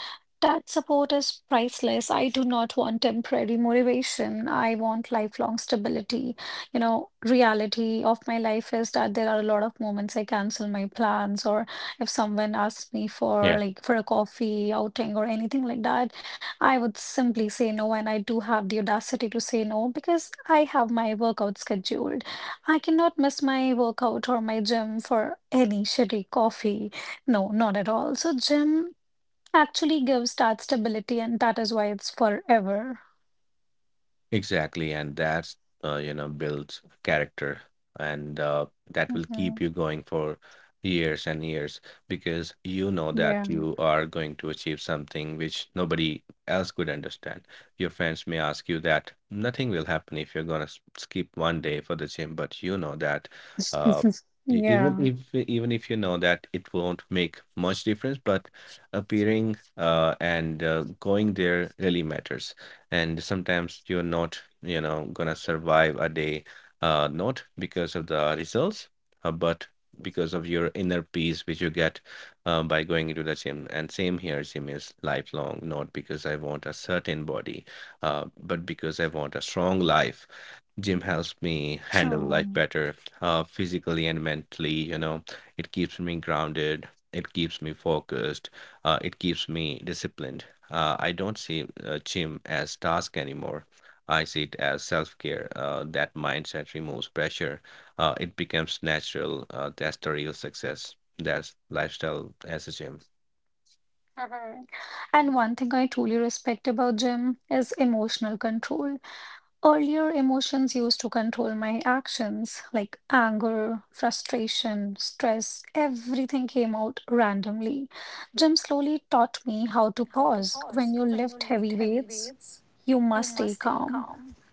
A: That support is priceless. I do not want temporary motivation. I want lifelong stability. You know, reality of my life is that there are a lot of moments I cancel my plans, or if someone asks me for
B: Yeah.
A: like for a coffee outing or anything like that, I would simply say no, and I do have the audacity to say no because I have my workout scheduled. I cannot miss my workout or my gym for any shitty coffee. No, not at all. So gym actually gives that stability, and that is why it's forever.
B: Exactly, and that's builds character, and that will keep
A: Mhm.
B: you going for years and years because you know that
A: Yeah.
B: you are going to achieve something which nobody else could understand. Your friends may ask you that nothing will happen if you're gonna skip one day for the gym, but you know that uh,
A: (laughs) Yeah.
B: even if you know that it won't make much difference, but appearing and going there really matters, and sometimes you're not gonna survive a day, not because of the results, but because of your inner peace which you get by going into the gym. And same here, gym is lifelong, not because I want a certain body, but because I want a strong life. Gym helps me handle life
A: True.
B: better, physically and mentally. It keeps me grounded. It keeps me focused. Uh, it keeps me disciplined. Uh, I don't see gym as task anymore. I see it as self-care. That mindset removes pressure. It becomes natural. That's the real success. That's lifestyle as a gym.
A: Mhm. And one thing I truly respect about Jim is emotional control. Earlier, emotions used to control my actions, like anger, frustration, stress, everything came out randomly. Jim slowly taught me how to
B: How
A: pause.
B: to
A: When you
B: pause
A: lift
B: when you
A: heavy
B: lift heavy
A: weights,
B: weights?
A: you must
B: You
A: stay
B: must stay
A: calm.
B: calm.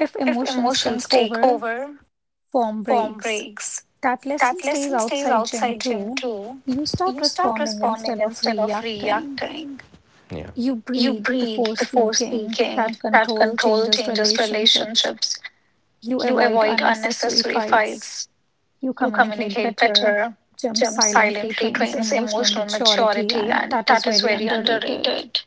A: If
B: If
A: emotions take
B: emotions take
A: over,
B: over,
A: form
B: form
A: breaks.
B: breaks.
A: That lesson
B: That
A: stays
B: lesson stays
A: outside gym
B: outside gym
A: too.
B: too.
A: You start
B: You start
A: responding
B: responding
A: instead of
B: instead of
A: reacting.
B: reacting. Yeah.
A: You
B: You
A: breathe
B: breathe
A: before
B: before
A: speaking.
B: speaking.
A: That
B: That
A: control
B: control
A: changes
B: changes
A: relationships.
B: relationships.
A: You
B: You
A: avoid
B: avoid
A: unnecessary
B: unnecessary
A: fights.
B: fights.
A: You
B: You
A: communicate
B: communicate
A: better.
B: better.
A: Jim
B: Gym
A: silently
B: silently
A: trains
B: trains
A: emotional
B: emotional
A: maturity,
B: maturity,
A: and
B: and
A: that is
B: that is
A: very
B: very
A: underrated.
B: underrated.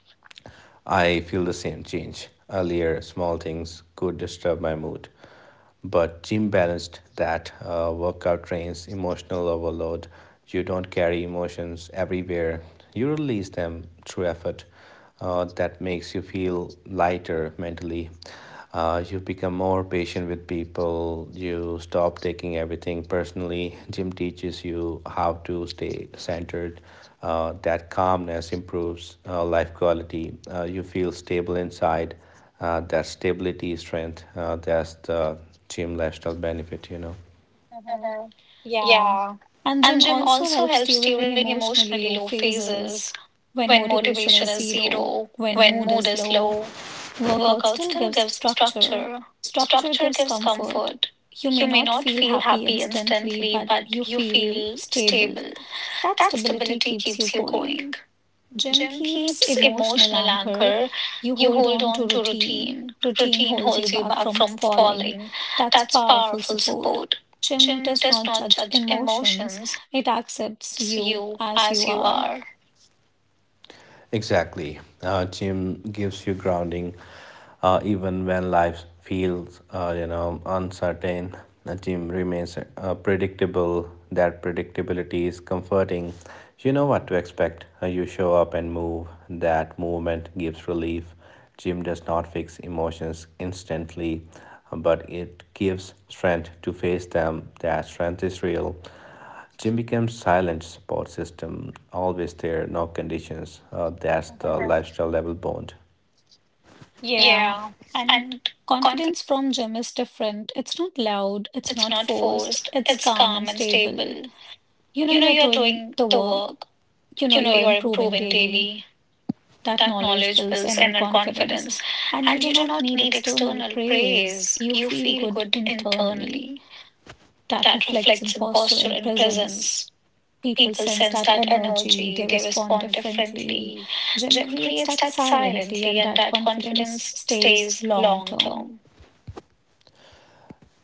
B: I feel the same change. Earlier, small things could disturb my mood, but Jim balanced that. Workout trains emotional overload. You don't carry emotions everywhere, you release them through effort. That makes you feel lighter mentally. You become more patient with people. You stop taking everything personally. Gym teaches you how to stay centered. That calmness improves life quality. You feel stable inside that stability, strength. That's the gym lifestyle benefit.
A: Mhm.
B: Mhm.
A: Yeah.
B: Yeah.
A: And
B: And
A: Jim
B: gym
A: also
B: also
A: helps
B: helps
A: during
B: during
A: emotionally low
B: emotionally low
A: phases
B: phases
A: when
B: when
A: motivation
B: motivation
A: is
B: is
A: zero,
B: zero,
A: when
B: when
A: mood
B: mood
A: is
B: is
A: low.
B: low.
A: Workout
B: Workout
A: still
B: still
A: gives
B: gives
A: structure.
B: structure.
A: Structure
B: Structure
A: gives
B: gives
A: comfort.
B: comfort.
A: You may
B: You may
A: not
B: not
A: feel
B: feel
A: happy
B: happy
A: instantly,
B: instantly,
A: but
B: but
A: you
B: you
A: feel
B: feel
A: stable.
B: stable.
A: That
B: That
A: stability
B: stability
A: keeps you
B: keeps you
A: going.
B: going.
A: Gym
B: Gym
A: keeps
B: keeps
A: emotional
B: emotional
A: anchor.
B: anchor.
A: You
B: You
A: hold
B: hold
A: on to
B: on to
A: routine.
B: routine.
A: Routine
B: Routine
A: holds you
B: holds you
A: back
B: back
A: from
B: from
A: falling.
B: falling.
A: That's
B: That's
A: powerful
B: powerful
A: support.
B: support.
A: Gym
B: Gym
A: does
B: does
A: not
B: not
A: judge
B: judge
A: emotions,
B: emotions,
A: it accepts
B: accepts
A: you
B: you
A: as you
B: as you
A: are.
B: are. Exactly. Gym gives you grounding even when life feels, uncertain. The gym remains predictable. That predictability is comforting. You know what to expect. You show up and move. That movement gives relief. Gym does not fix emotions instantly, but it gives strength to face them. That strength is real. Gym becomes silent support system, always there, no conditions. That's the lifestyle level bond.
A: Yeah,
B: Yeah.
A: and
B: And confident
A: confidence from Jim is different. It's not loud,
B: mode,
A: it's
B: it's
A: not
B: not
A: forced,
B: forced,
A: it's
B: it's
A: calm and
B: calm and
A: stable.
B: stable.
A: You know
B: You know
A: you're
B: you're
A: doing
B: doing
A: the
B: the
A: work,
B: work,
A: you know
B: you know
A: you're
B: you're
A: improving
B: improving
A: daily.
B: daily.
A: That
B: That
A: knowledge
B: knowledge
A: builds
B: builds
A: inner
B: inner
A: confidence,
B: confidence,
A: and you
B: and
A: do
B: you do
A: not
B: not
A: need
B: need
A: external
B: external
A: praise.
B: praise.
A: You
B: You
A: feel
B: feel
A: good
B: good
A: internally.
B: internally.
A: That
B: That
A: reflects in
B: reflects in
A: posture
B: posture
A: and
B: and
A: presence.
B: presence.
A: People
B: People
A: sense
B: sense
A: that
B: that
A: energy,
B: energy,
A: they
B: they
A: respond
B: respond
A: differently.
B: differently.
A: Jim
B: Jim
A: creates
B: creates
A: that
B: that
A: silently,
B: silently,
A: and
B: and
A: that
B: that
A: confidence
B: confidence
A: stays
B: stays
A: long
B: long
A: term.
B: term.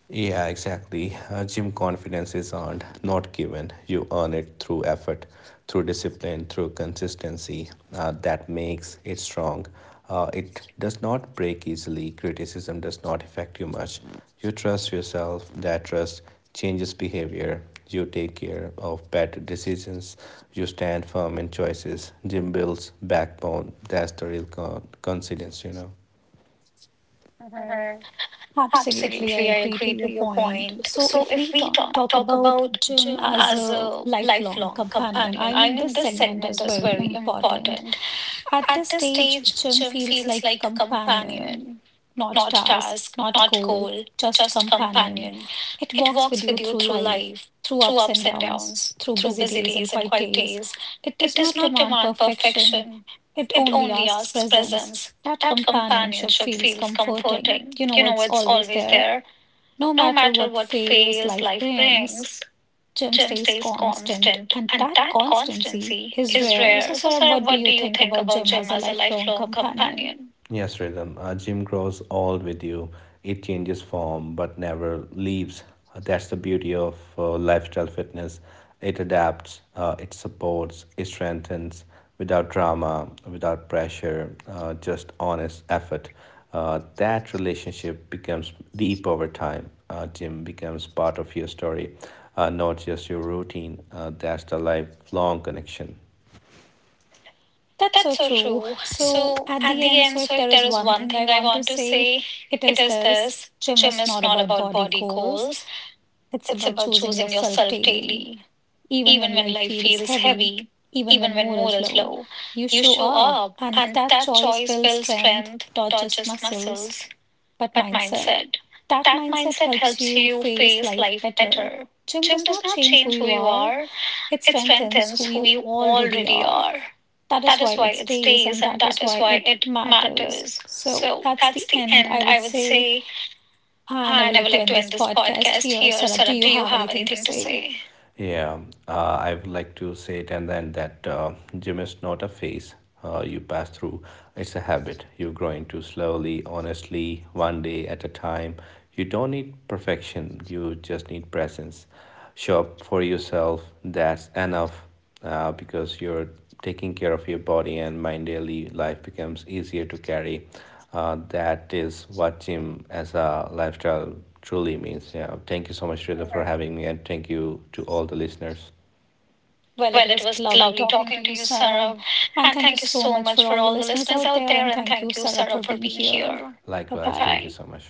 B: Yeah, exactly. Gym confidence is earned, not given. You earn it through effort, through discipline, through consistency. That makes it strong. It does not break easily. Criticism does not affect you much. You trust yourself. That trust changes behavior. You take care of better decisions. You stand firm in choices. Gym builds backbone. That's the real confidence, you know.
A: Absolutely, I
B: Absolutely, I
A: agree to
B: agree to
A: your
B: your
A: point.
B: point.
A: So,
B: So,
A: if
B: if
A: we
B: we
A: talk,
B: talk,
A: talk
B: talk
A: about
B: about
A: gym
B: gym
A: as
B: as
A: a
B: a
A: lifelong
B: lifelong
A: companion, I
B: companion, I
A: mean, this
B: mean, this
A: segment
B: segment
A: is
B: is
A: very
B: very
A: important
B: important.
A: at
B: At
A: this
B: this
A: stage.
B: stage,
A: Jim
B: gym
A: feels
B: feels
A: like
B: like
A: companion,
B: companion,
A: not
B: not
A: task,
B: task,
A: not
B: not
A: goal,
B: goal,
A: just
B: just
A: companion.
B: companion.
A: It
B: It
A: walks with
B: walks
A: you
B: with you
A: through
B: through
A: life,
B: life,
A: through
B: through
A: ups and
B: ups and
A: downs,
B: downs,
A: through
B: through
A: busy
B: busy
A: days and
B: days and
A: quiet
B: quiet
A: days.
B: days.
A: It
B: It
A: does
B: does
A: not
B: not
A: demand
B: demand
A: perfection.
B: perfection,
A: It
B: it
A: only
B: only
A: asks
B: asks
A: presence.
B: presence.
A: That
B: That
A: companionship
B: companionship
A: feels
B: feels
A: comforting.
B: comforting.
A: You
B: You
A: know,
B: know,
A: it's
B: it's
A: always
B: always
A: there,
B: there.
A: no
B: No
A: matter
B: matter
A: what
B: what
A: phase
B: phase
A: life
B: life
A: brings.
B: brings,
A: Jim
B: Jim
A: stays
B: stays
A: constant,
B: constant,
A: and
B: and
A: that
B: that
A: constancy
B: constancy
A: is
B: is
A: rare. So,
B: rare. So,
A: Sarab,
B: Sarah,
A: what do
B: what
A: you
B: do you
A: think
B: think
A: about
B: about
A: Jim as
B: Jim
A: a
B: as a
A: lifelong
B: lifelong
A: companion?
B: companion? Yes, rhythm. Gym grows old with you. It changes form but never leaves. That's the beauty of lifestyle fitness. It adapts, it supports, it strengthens without drama, without pressure, just honest effort. That relationship becomes deep over time. Gym becomes part of your story, not just your routine. That's the lifelong connection.
A: That's so
B: That's so
A: true.
B: true.
A: So,
B: So,
A: at
B: at
A: the
B: the
A: end,
B: end,
A: so
B: so
A: if
B: if
A: there
B: there
A: is
B: is
A: one
B: one
A: thing I
B: thing I
A: want to
B: want to
A: say,
B: say,
A: it
B: it
A: is
B: is
A: this:
B: this.
A: Jim
B: Gym
A: is
B: is
A: not
B: not
A: about
B: about
A: body
B: body
A: goals,
B: goals,
A: it's
B: it's
A: about
B: about
A: choosing
B: choosing
A: yourself
B: yourself
A: daily.
B: daily.
A: Even
B: Even
A: when
B: when
A: life
B: life
A: feels
B: feels
A: heavy,
B: heavy,
A: even
B: even
A: when
B: when
A: mood
B: mood
A: is
B: is
A: low,
B: low,
A: you
B: you
A: show
B: show
A: up,
B: up,
A: and
B: and
A: that
B: that
A: choice
B: choice
A: builds
B: builds
A: strength,
B: strength,
A: not
B: not
A: just
B: just
A: muscles,
B: muscles,
A: but
B: but
A: mindset.
B: mindset.
A: That
B: That
A: mindset
B: mindset
A: helps
B: helps
A: you
B: you
A: face
B: face
A: life
B: life
A: better.
B: better.
A: Gym
B: Gym
A: does
B: does
A: not
B: not
A: change who
B: change who
A: you
B: you
A: are,
B: are,
A: it
B: it
A: strengthens
B: strengthens
A: who
B: who
A: you
B: you
A: already
B: already are.
A: are. That
B: That
A: is why
B: is why
A: it
B: it
A: stays
B: stays,
A: and
B: and
A: that
B: that
A: is
B: is
A: why
B: why
A: it
B: it
A: matters.
B: matters.
A: So
B: So
A: that's
B: that's
A: the
B: the
A: end,
B: end,
A: I would
B: I would
A: say.
B: say.
A: And I would
B: And I
A: like
B: would
A: to
B: like to
A: end
B: end
A: this
B: this
A: podcast
B: podcast
A: here.
B: here.
A: Sarab, do
B: Sarab, do
A: you
B: you
A: have
B: have
A: anything to
B: anything to
A: say?
B: say? Yeah, I would like to say it and then that gym is not a phase you pass through, it's a habit you grow into slowly, honestly, one day at a time. You don't need perfection, you just need presence. Show up for yourself, that's enough. Uh, because you're taking care of your body and mind, daily life becomes easier to carry. Uh, that is what gym as a lifestyle truly means. Yeah, thank you so much,
A: Mhm.
B: Shreda, for having me, and thank you to all the listeners.
A: Well, it
B: Well, it
A: was
B: was
A: lovely
B: lovely
A: talking to you,
B: talking to you,
A: Sarab.
B: Sarab.
A: And
B: And
A: thank you
B: thank you
A: so
B: so
A: much for
B: much for
A: all the
B: all the
A: listeners
B: listeners
A: out
B: out
A: there.
B: there.
A: And
B: And
A: thank you,
B: thank you,
A: Sarab, for
B: Sarab, for
A: being
B: being
A: here.
B: here.
A: Bye
B: Likewise. Bye-bye.
A: bye.
B: Thank you so much.